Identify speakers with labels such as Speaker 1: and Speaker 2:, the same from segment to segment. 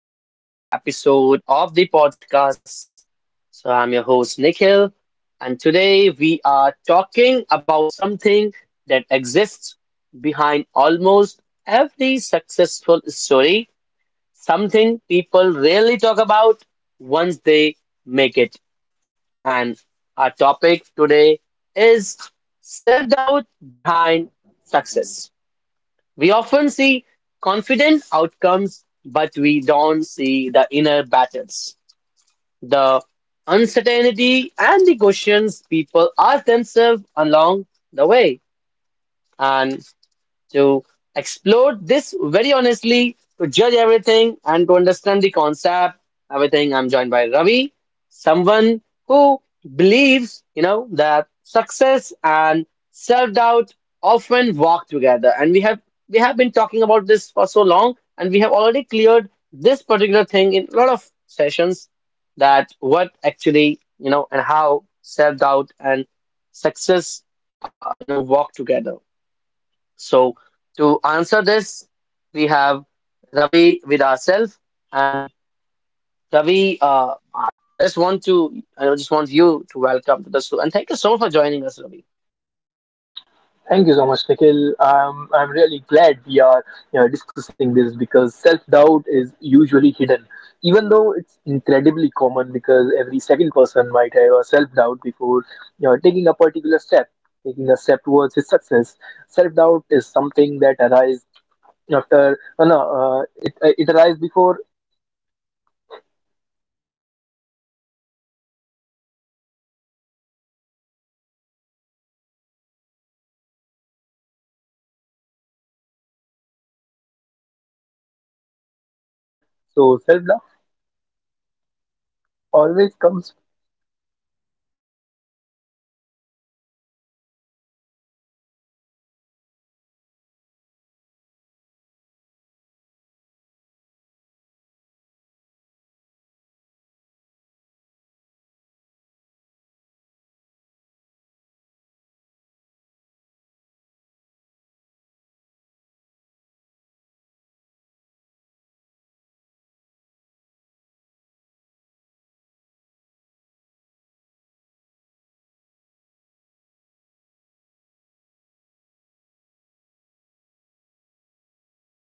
Speaker 1: to another episode of the podcast. So, I'm your host, Nikhil, and today we are talking about something that exists behind almost every successful story, something people rarely talk about once they make it. And our topic today is self doubt behind success. We often see confident outcomes, but we don't see the inner battles, the uncertainty, and the questions people ask themselves along the way. And to explore this very honestly, to judge everything, and to understand the concept, everything. I'm joined by Ravi, someone who believes, you know, that success and self-doubt often walk together. And we have been talking about this for so long, and we have already cleared this particular thing in a lot of sessions that what actually, you know, and how self-doubt and success, you know, walk together, so to answer this, we have Ravi with ourselves, and Ravi, I just want you to welcome to the show, and thank you so much for joining us, Ravi.
Speaker 2: Thank you so much, Nikhil. I'm really glad we are discussing this because self doubt is usually hidden, even though it's incredibly common because every second person might have a self doubt before taking a particular step, taking a step towards his success. Self doubt is something that arises after, no, no, it, it arises before. So self doubt always comes.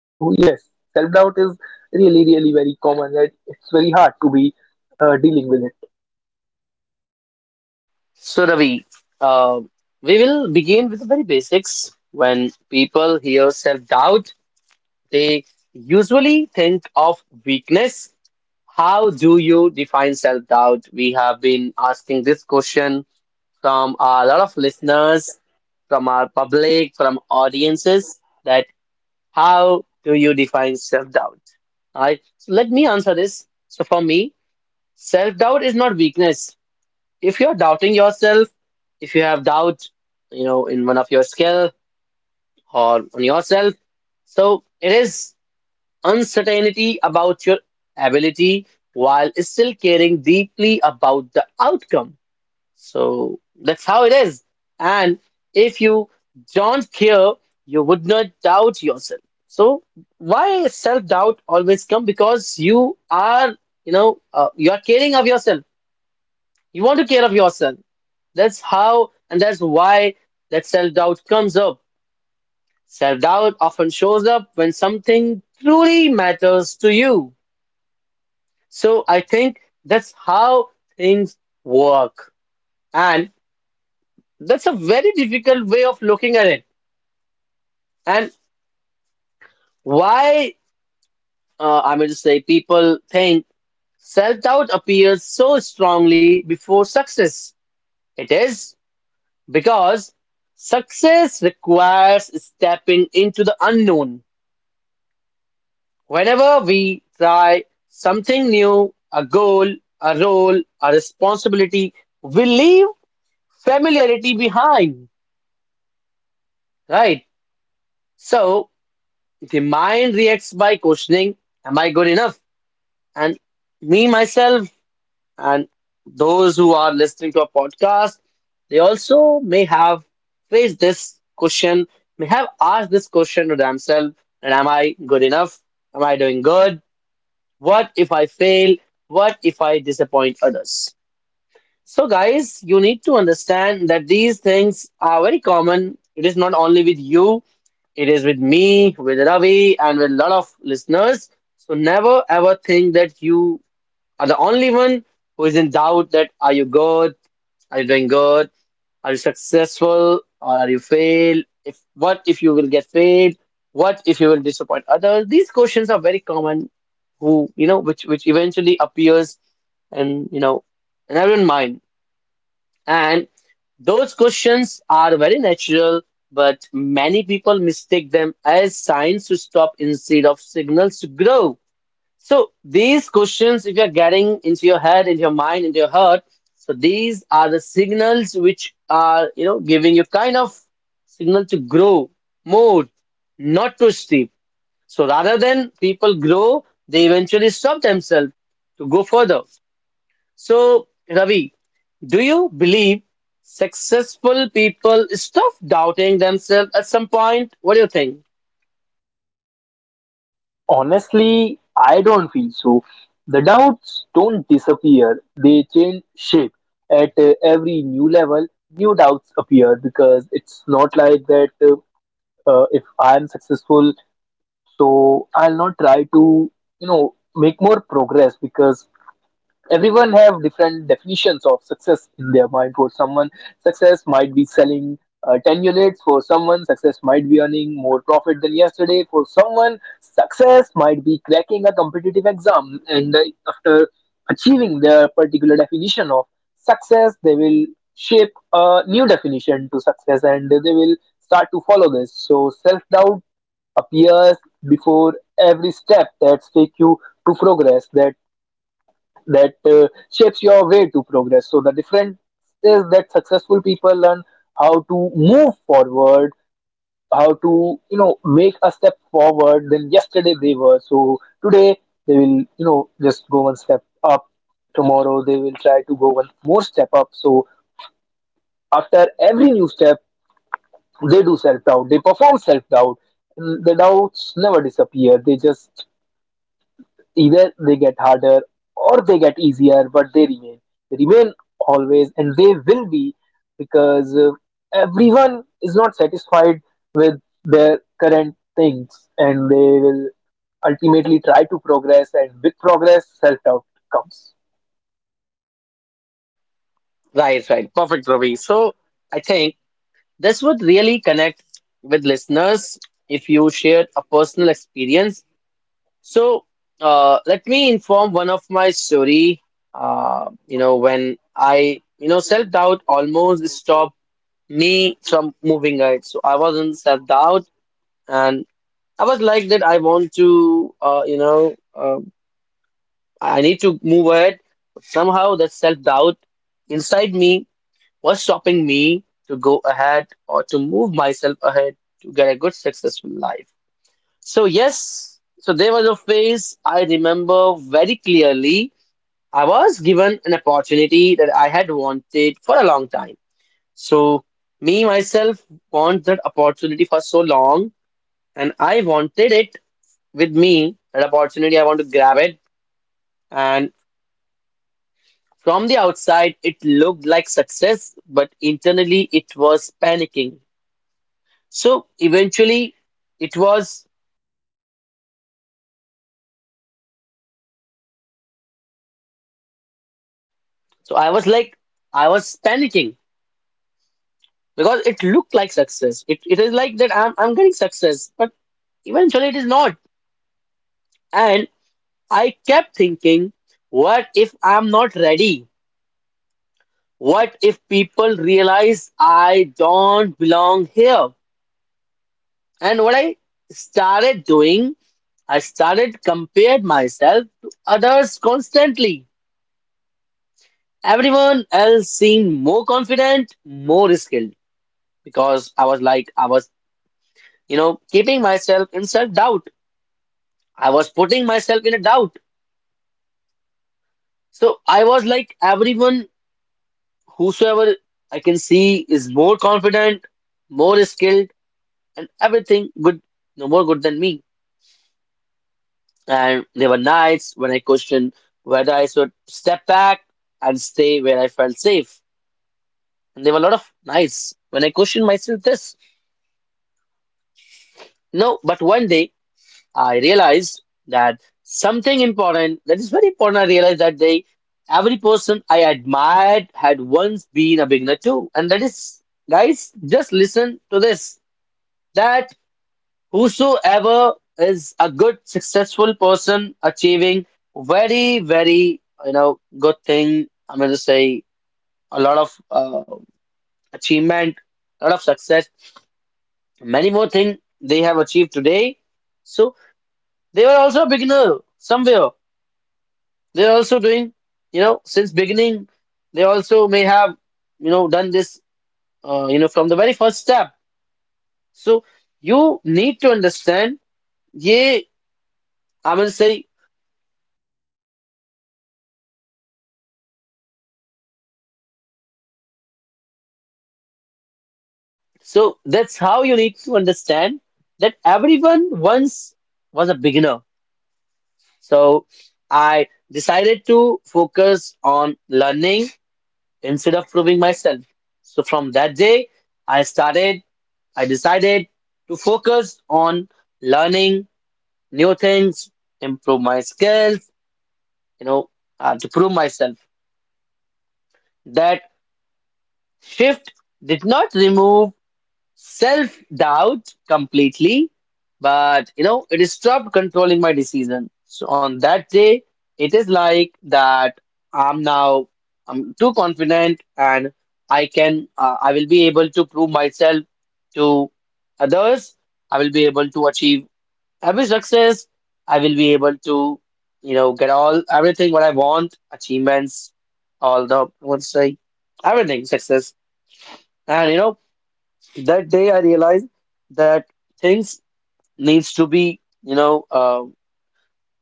Speaker 2: So, yes, self doubt is really, really very common. And It's very hard to be dealing with it.
Speaker 1: So, Ravi, uh, we will begin with the very basics. When people hear self-doubt, they usually think of weakness. How do you define self-doubt? We have been asking this question from a lot of listeners, from our public, from audiences that how do you define self-doubt? Right? So let me answer this. So for me, self-doubt is not weakness. If you're doubting yourself, if you have doubt, you know, in one of your skill or on yourself, so it is uncertainty about your ability while still caring deeply about the outcome. So that's how it is. And if you don't care, you would not doubt yourself. So why self-doubt always come? Because you are, you know, you are caring of yourself. You want to care of yourself. That's how, and that's why that self-doubt comes up. Self-doubt often shows up when something truly matters to you. So I think that's how things work. And. That's a very difficult way of looking at it. And why, I mean to say, people think self doubt appears so strongly before success? It is because success requires stepping into the unknown. Whenever we try something new, a goal, a role, a responsibility, we leave familiarity behind, right? So the mind reacts by questioning, am I good enough? And me, myself, and those who are listening to our podcast, they also may have faced this question, may have asked this question to themselves, and am I good enough? Am I doing good? What if I fail? What if I disappoint others? So, guys, you need to understand that these things are very common. It is not only with you, it is with me, with Ravi, and with a lot of listeners. So, never ever think that you are the only one who is in doubt that are you good, are you doing good, are you successful, or are you failed, if what if you will get failed, what if you will disappoint others? These questions are very common, who you know which eventually appears, and you know, in everyone's mind, and those questions are very natural, but many people mistake them as signs to stop instead of signals to grow. So these questions, if you're getting into your head, into your mind, into your heart, so these are the signals which are, you know, giving you kind of signal to grow more, not to steep. So rather than people grow, they eventually stop themselves to go further. So Ravi, do you believe successful people stop doubting themselves at some point? What do you think?
Speaker 2: Honestly, I don't feel so. The doubts don't disappear, they change shape. At every new level, new doubts appear because it's not like that if I'm successful, so I'll not try to, you know, make more progress because everyone have different definitions of success in their mind. For someone, success might be selling 10 units. For someone, success might be earning more profit than yesterday. For someone, success might be cracking a competitive exam. And after achieving their particular definition of success, they will shape a new definition to success, and they will start to follow this. So self doubt appears before every step that take you to progress, that shapes your way to progress. So the difference is that successful people learn how to move forward, how to you know make a step forward than yesterday they were. So today they will you know just go one step up. Tomorrow they will try to go one more step up. So after every new step, they do self doubt. They perform self doubt. The doubts never disappear. They just either they get harder or they get easier, but they remain. They remain always, and they will be, because everyone is not satisfied with their current things, and they will ultimately try to progress, and with progress, self doubt comes.
Speaker 1: Right, right. Perfect, Ravi. So I think this would really connect with listeners if you shared a personal experience. So, let me inform one of my story. You know, when I, you know, self-doubt almost stopped me from moving ahead. So I was in self-doubt, and I was like that. I want to, you know, I need to move ahead. Somehow that self-doubt inside me, what's stopping me to go ahead or to move myself ahead to get a good, successful life? So, yes, so there was a phase I remember very clearly. I was given an opportunity that I had wanted for a long time. So, me myself want that opportunity for so long, and I wanted it with me that opportunity. I want to grab it, and from the outside, it looked like success, but internally, it was panicking. So eventually, it was. So I was like, I was panicking because it looked like success. It is like that I'm getting success, but eventually it is not. And I kept thinking, what if I'm not ready? What if people realize I don't belong here? And what I started doing, I started compared myself to others constantly. Everyone else seemed more confident, more skilled, because I was like, I was, you know, keeping myself in self-doubt. I was putting myself in a doubt. So I was like, everyone, whosoever I can see is more confident, more skilled, and everything good, no more good than me. And there were nights when I questioned whether I should step back and stay where I felt safe. And there were a lot of nights when I questioned myself this. No, but one day I realized that something important that is very important. I realized that they, every person I admired had once been a beginner too. And that is, guys, just listen to this that whosoever is a good, successful person achieving very, very, you know, good thing. I'm going to say a lot of achievement, a lot of success, many more things they have achieved today. So they were also a beginner somewhere. They're also doing, you know, since beginning, they also may have, you know, done this, you know, from the very first step. So you need to understand, yeah, I will say, so that's how you need to understand that everyone once was a beginner. So I decided to focus on learning instead of proving myself. So from that day, I started, I decided to focus on learning new things, improve my skills, you know, to prove myself. That shift did not remove self doubt completely, but you know, it stopped controlling my decision. So on that day, it is like that I'm now I'm too confident and I can I will be able to prove myself to others. I will be able to achieve every success, I will be able to, you know, get all everything what I want, achievements, all the what's like, everything success. And you know, that day I realized that things needs to be you know uh,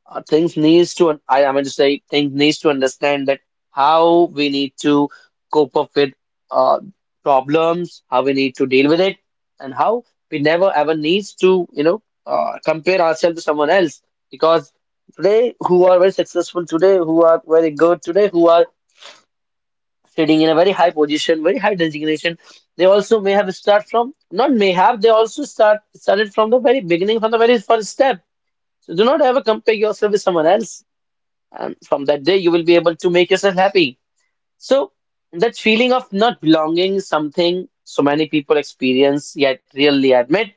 Speaker 1: uh, things needs to I mean to say things needs to understand that how we need to cope up with uh, problems, how we need to deal with it, and how we never ever needs to you know compare ourselves to someone else, because today who are very successful today, who are very good today, who are sitting in a very high position, very high designation, they also may have start from not may have they also start started from the very beginning from the very first step. So do not ever compare yourself with someone else, and from that day you will be able to make yourself happy. So that feeling of not belonging is something so many people experience yet rarely admit,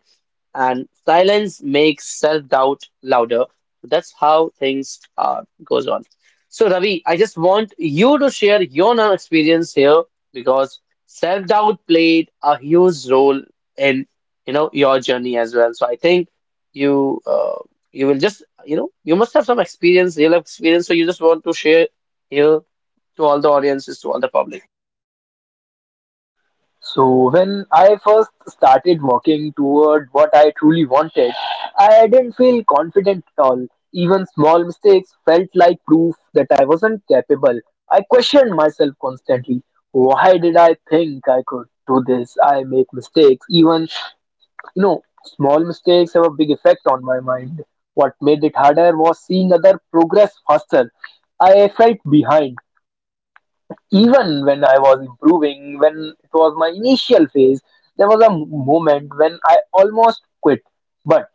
Speaker 1: and silence makes self-doubt louder. So that's how things are goes on. So Ravi, I just want you to share your now experience here because self-doubt played a huge role in you know your journey as well. So I think you you will just you know you must have some experience, real life experience. So you just want to share here to all the audiences, to all the public.
Speaker 2: So when I first started working toward what I truly wanted, I didn't feel confident at all. Even small mistakes felt like proof that I wasn't capable. I questioned myself constantly. Why did I think I could do this? I make mistakes. Even, you know, small mistakes have a big effect on my mind. What made it harder was seeing other progress faster. I felt behind even when I was improving. When it was my initial phase, there was a moment when I almost quit. But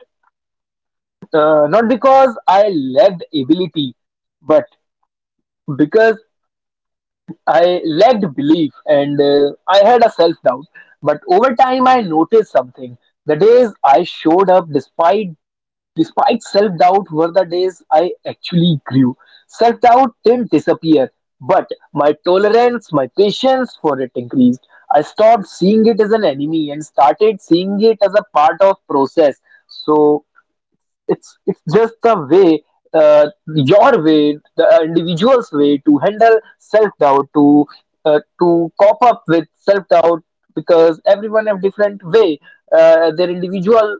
Speaker 2: not because I lacked ability, but because I lacked belief, and I had a self doubt. But over time, I noticed something. The days I showed up despite self-doubt were the days I actually grew. Self-doubt didn't disappear, but my tolerance, my patience for it increased. I stopped seeing it as an enemy and started seeing it as a part of process. So it's just the way, uh, your way, the individual's way to handle self-doubt, to cope up with self-doubt, because everyone have different way, their individual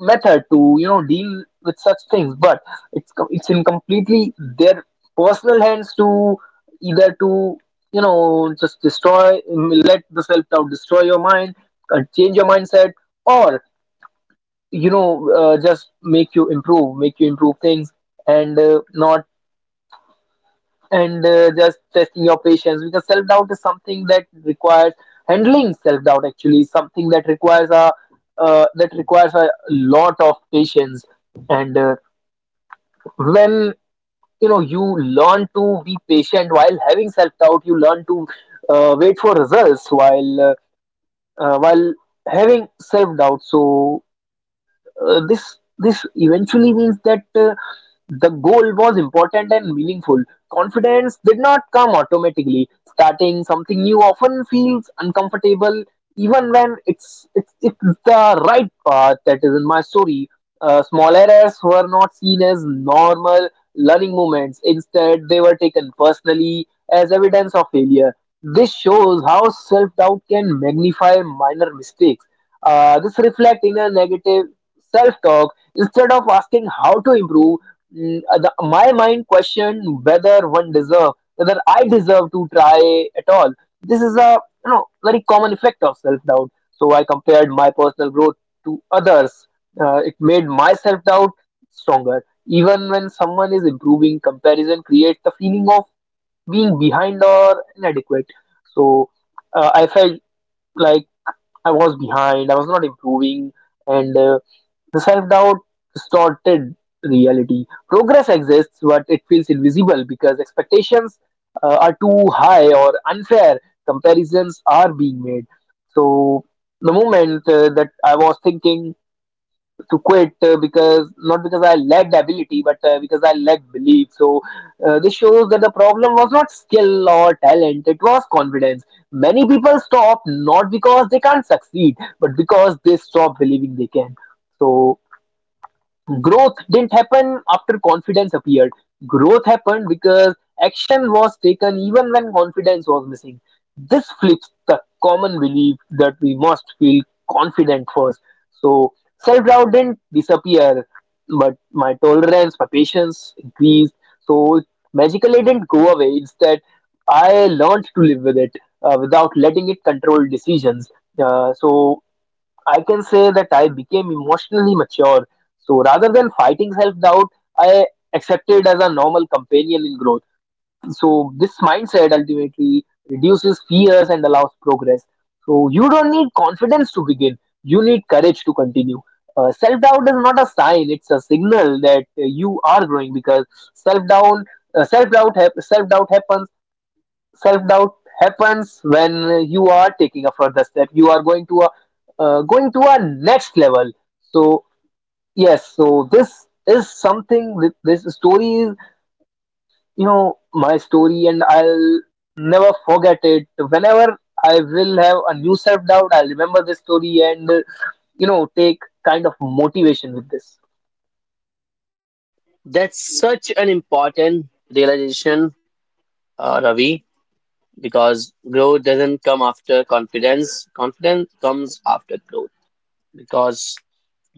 Speaker 2: method to you know deal with such things. But it's it's in completely their personal hands to either to you know just destroy, let the self doubt destroy your mind, change your mindset, or you know just make you improve, make you improve things, and not and just testing your patience, because self doubt is something that requires handling. Self doubt actually is something that requires a that requires a lot of patience. And when you know you learn to be patient while having self-doubt, you learn to wait for results while having self-doubt. So this eventually means that the goal was important and meaningful. Confidence did not come automatically. Starting something new often feels uncomfortable, even when it's the right path. That is in my story. Small errors were not seen as normal learning moments. Instead, they were taken personally as evidence of failure. This shows how self doubt can magnify minor mistakes. This reflects in a negative self-talk. Instead of asking how to improve, my mind questioned whether one deserve whether I deserve to try at all. This is a you know very common effect of self-doubt. So I compared my personal growth to others. It made my self-doubt stronger. Even when someone is improving, comparison creates the feeling of being behind or inadequate. So I felt like I was behind, I was not improving, and the self-doubt distorted reality. Progress exists, but it feels invisible because expectations are too high, or unfair comparisons are being made. So the moment that I was thinking to quit, because not because I lacked ability, but because I lacked belief. So this shows that the problem was not skill or talent; it was confidence. Many people stop not because they can't succeed, but because they stop believing they can. So growth didn't happen after confidence appeared. Growth happened because action was taken even when confidence was missing. This flips the common belief that we must feel confident first. So self doubt didn't disappear, but my tolerance, my patience increased. So it magically didn't go away. Instead, I learned to live with it without letting it control decisions. So I can say that I became emotionally mature. So rather than fighting self doubt, I accepted as a normal companion in growth. So this mindset ultimately reduces fears and allows progress. So you don't need confidence to begin, you need courage to continue. Self doubt is not a sign, it's a signal that you are growing, because self doubt. Uh, self doubt hap- self doubt happens Self doubt happens when you are taking a further step, you are going to a going to a next level. So yes, so this is something that this story is you know my story, and I'll never forget it. Whenever I will have a new self doubt, I'll remember this story and you know take kind of motivation with this.
Speaker 1: That's such an important realization, Ravi. Because growth doesn't come after confidence, confidence comes after growth, because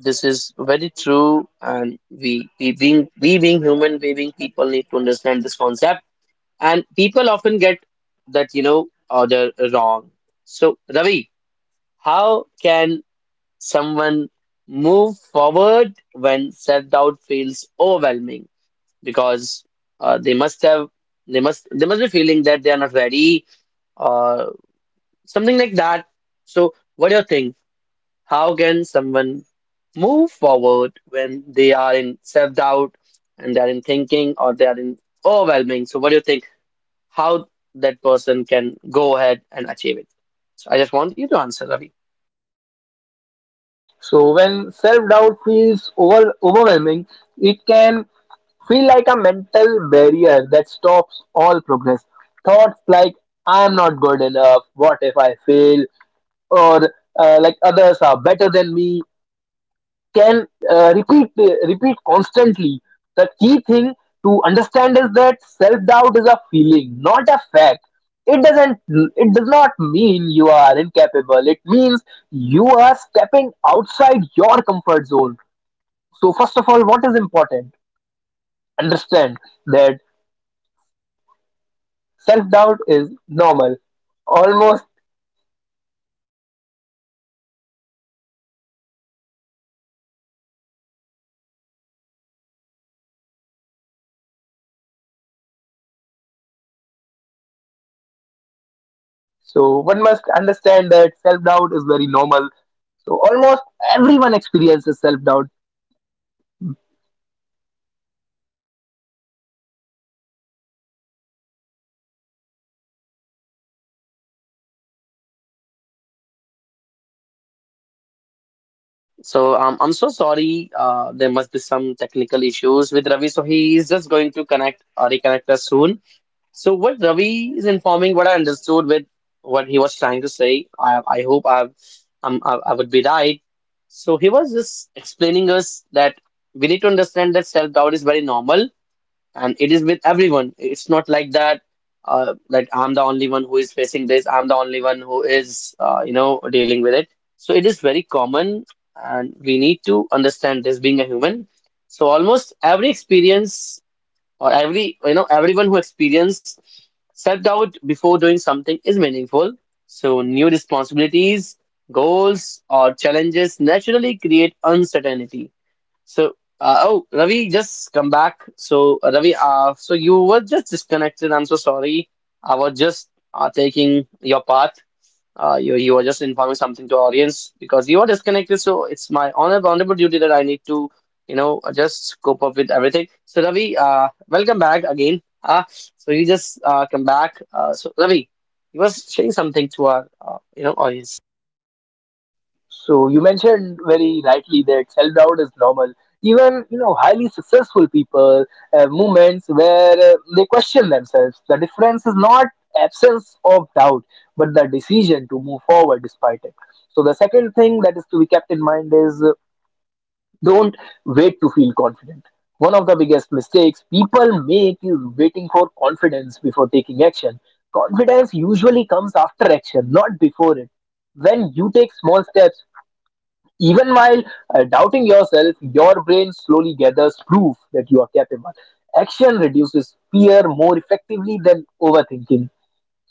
Speaker 1: this is very true and we being human, we being people need to understand this concept, and people often get that you know other wrong. So Ravi, how can someone move forward when self-doubt feels overwhelming? Because they must have, they must be feeling that they are not ready or something like that. So, what do you think? How can someone move forward when they are in self-doubt and they are in thinking or they are in overwhelming? So, what do you think? How that person can go ahead and achieve it? So, I just want you to answer, Ravi.
Speaker 2: So when self doubt feels overwhelming, it can feel like a mental barrier that stops all progress. Thoughts like, I'm not good enough, what if I fail, or like others are better than me, can repeat constantly. The key thing to understand is that self doubt is a feeling, not a fact. It does not mean you are incapable. It means you are stepping outside your comfort zone. So first of all, what is important? Understand that self-doubt is normal. Almost So one must understand that self-doubt is very normal. So almost everyone experiences self-doubt.
Speaker 1: So, I'm so sorry. There must be some technical issues with Ravi, so he is just going to connect or reconnect us soon. So what Ravi is informing, what I understood with what he was trying to say, I hope I've, I would be right. So he was just explaining us that we need to understand that self-doubt is very normal and it is with everyone. It's not like that, like I'm the only one who is facing this. I'm the only one who is, dealing with it. So it is very common and we need to understand this being a human. So almost every experience or every everyone who experiences self-doubt before doing something is meaningful. So new responsibilities, goals or challenges naturally create uncertainty. So uh, oh Ravi just come back. So Ravi, so you were just disconnected, I'm so sorry. I was just taking your path. You are just informing something to audience because you are disconnected. So it's my honor, honorable duty that I need to, you know, just cope up with everything. So Ravi, welcome back again. Ah, so you just come back. So Ravi, you was sharing something to our, audience.
Speaker 2: So you mentioned very rightly that self-doubt is normal. Even you know highly successful people have moments where they question themselves. The difference is not absence of doubt, but the decision to move forward despite it. So the second thing that is to be kept in mind is don't wait to feel confident. One of the biggest mistakes people make is waiting for confidence before taking action. Confidence usually comes after action, not before it. When you take small steps, even while doubting yourself, your brain slowly gathers proof that you are capable. Action reduces fear more effectively than overthinking.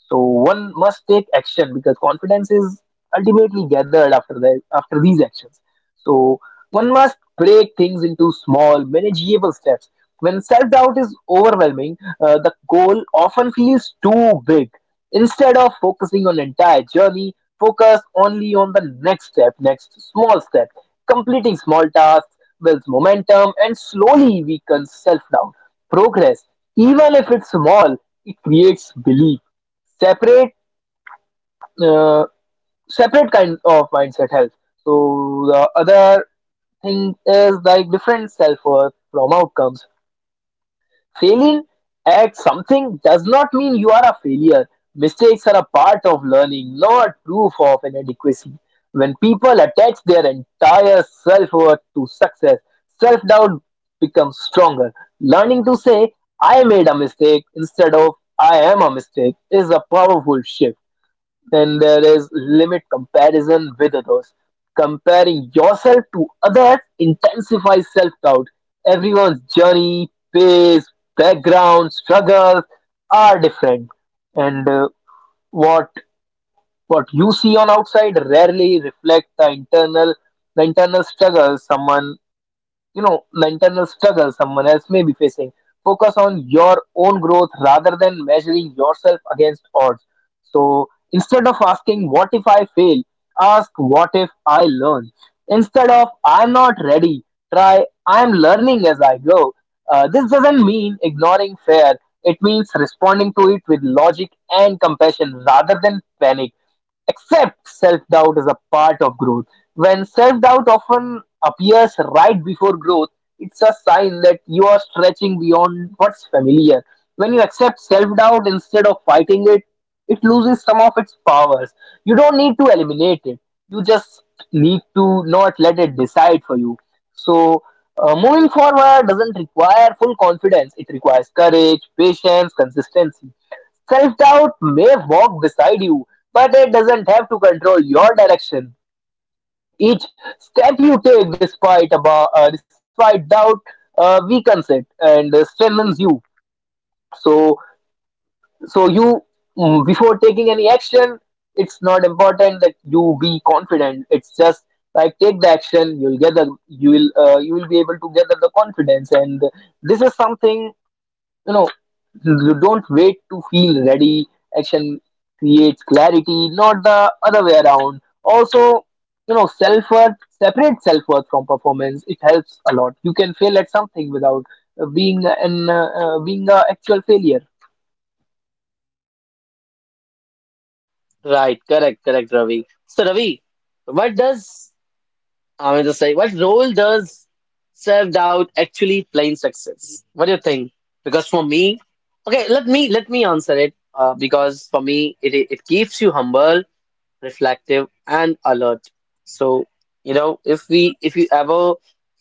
Speaker 2: So one must take action, because confidence is ultimately gathered after these actions. So one must break things into small, manageable steps. When self-doubt is overwhelming, the goal often feels too big. Instead of focusing on the entire journey, focus only on the next step, next small step. Completing small tasks builds momentum and slowly weakens self-doubt. Progress, even if it's small, it creates belief. separate uh, Separate kind of mindset health. So the other thing is like different self-worth from outcomes. Failing at something does not mean you are a failure. Mistakes are a part of learning, not proof of inadequacy. When people attach their entire self-worth to success, self-doubt becomes stronger. Learning to say I made a mistake instead of I am a mistake is a powerful shift. Then there is limit comparison with others. Comparing yourself to others intensifies self doubt. Everyone's journey, pace, background, struggles are different, and what what you see on outside rarely reflect the internal struggle someone you know the internal struggle someone else may be facing. Focus on your own growth rather than measuring yourself against odds. So instead of asking what if I fail, ask what if I learn. Instead of I'm not ready, try I'm learning as I go. This doesn't mean ignoring fear, it means responding to it with logic and compassion rather than panic. Except self-doubt is a part of growth. When self-doubt often appears right before growth, it's a sign that you are stretching beyond what's familiar. When you accept self-doubt instead of fighting it, it loses some of its powers. You don't need to eliminate it. You just need to not let it decide for you. So, moving forward doesn't require full confidence. It requires courage, patience, consistency. Self doubt may walk beside you, but it doesn't have to control your direction. Each step you take, despite doubt, weakens it and strengthens you. So, so you before taking any action, it's not important that you be confident. It's just like take the action, you'll get the you will be able to gather the confidence, and this is something you know you don't wait to feel ready. Action creates clarity, not the other way around. Also, you know, self-worth, separate self-worth from performance, it helps a lot. You can fail at something without being a actual failure.
Speaker 1: Right, correct, correct, Ravi. So Ravi, what does I mean to say, what role does self-doubt actually play in success? What do you think? Because for me, okay, let me answer it. Because for me, it keeps you humble, reflective, and alert. So you know, if you ever,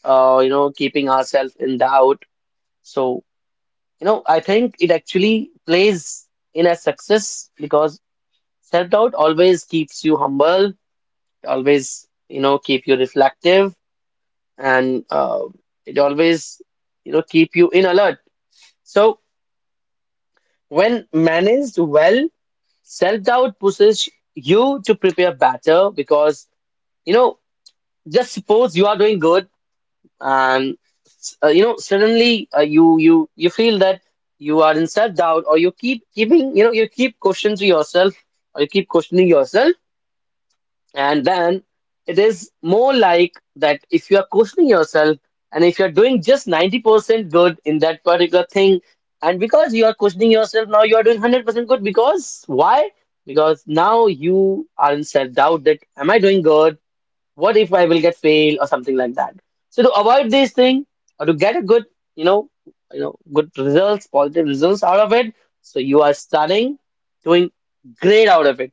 Speaker 1: keeping ourselves in doubt, so you know, I think it actually plays in a success because self-doubt always keeps you humble, always you know, keep you reflective and it always you know keep you in alert. So when managed well, self-doubt pushes you to prepare better because you know, just suppose you are doing good. And you know suddenly you feel that you are in self-doubt or you keep keeping you know you keep questions to yourself or you keep questioning yourself. And then it is more like that, if you are questioning yourself and if you're doing just 90% good in that particular thing, and because you are questioning yourself, now you are doing 100% good. Because why? Because now you are in self doubt that am I doing good? What if I will get fail or something like that? So to avoid these things or to get a good, you know, good results, positive results out of it, so you are studying, doing great out of it.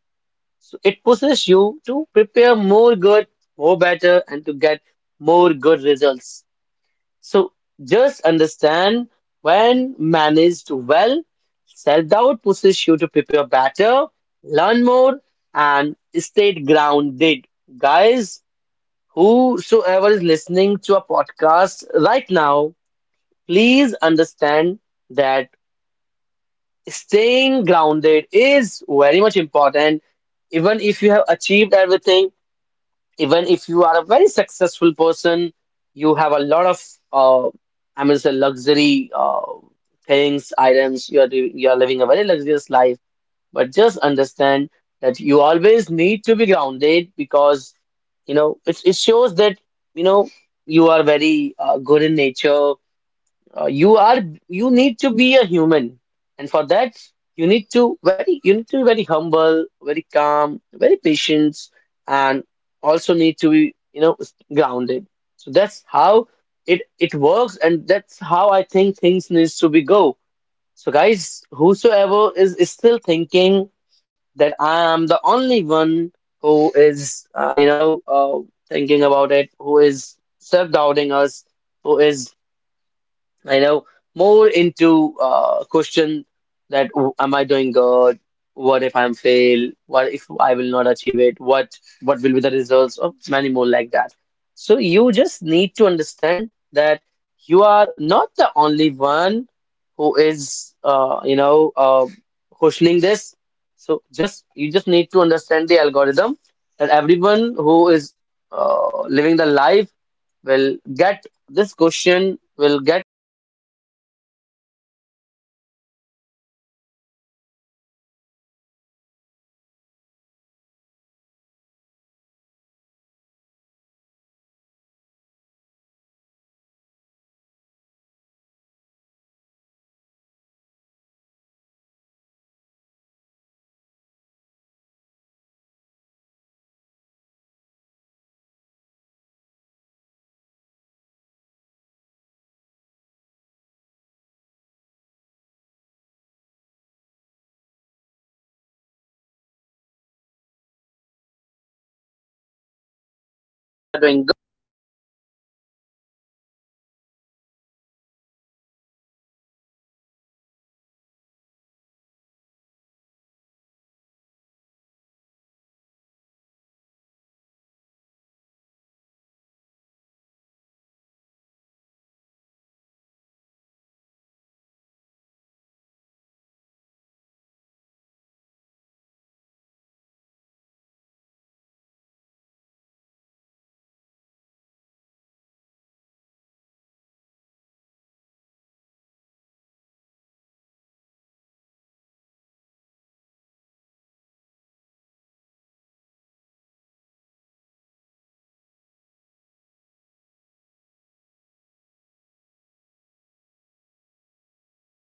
Speaker 1: So it pushes you to prepare more good, more better, and to get more good results. So just understand, when managed well, self doubt pushes you to prepare better, learn more, and stay grounded. Guys, whosoever is listening to a podcast right now, please understand that staying grounded is very much important, even if you have achieved everything, even if you are a very successful person, you have a lot of uh, I mean, say luxury things, items. You are doing, you are living a very luxurious life, but just understand that you always need to be grounded because you know it, it shows that you know you are very good in nature. You are, you need to be a human, and for that you need to very you need to be very humble, very calm, very patient, and also need to be you know grounded. So that's how it works, and that's how I think things needs to be go. So guys, whosoever is still thinking that I am the only one who is thinking about it, who is self doubting us, who is I know more into question that "Oh, am I doing good? What if I'm fail? What if I will not achieve it? What will be the results? Of many more like that. So you just need to understand that you are not the only one who is questioning this. So just you just need to understand the algorithm that everyone who is living the life will get this question, will get into the situation when they always keep asking this question to themselves that what it is and why it is. So you need to understand this and just I will say, just understand that people often follow, I will surface this, wherein they they're like that why am I question to myself. So that's how things going on in everyone's mind, it's not you. Just understand that it is with everyone, guys. So do not ever think that you are the only one. And even if you're self-doubting yourself, do it in a positive manner, that even if you're doing good, you you it will be like that you will be doing excellent and great. Okay, so just understand it. And this last thing before closing this session, if you're doubting yourself right now, it might mean you're standing at the edge of growth, not failure, guys. Okay. So just understand that it is your growth, it is your success, nothing else. And with this beautiful thought, we come to the end of today's episode on self doubt behind success. So, Ravi, thank you so much for your honesty and very thoughtful insights you shared with my audience and to everyone listening to the podcast. Remember, self doubt does not disqualify you from success. Giving up does. This is Nikhil signing off right now. Until the time, take care, trust the process, and keep moving forward. Thank you so much, guys, and you will be very, very grateful. Bye bye, guys.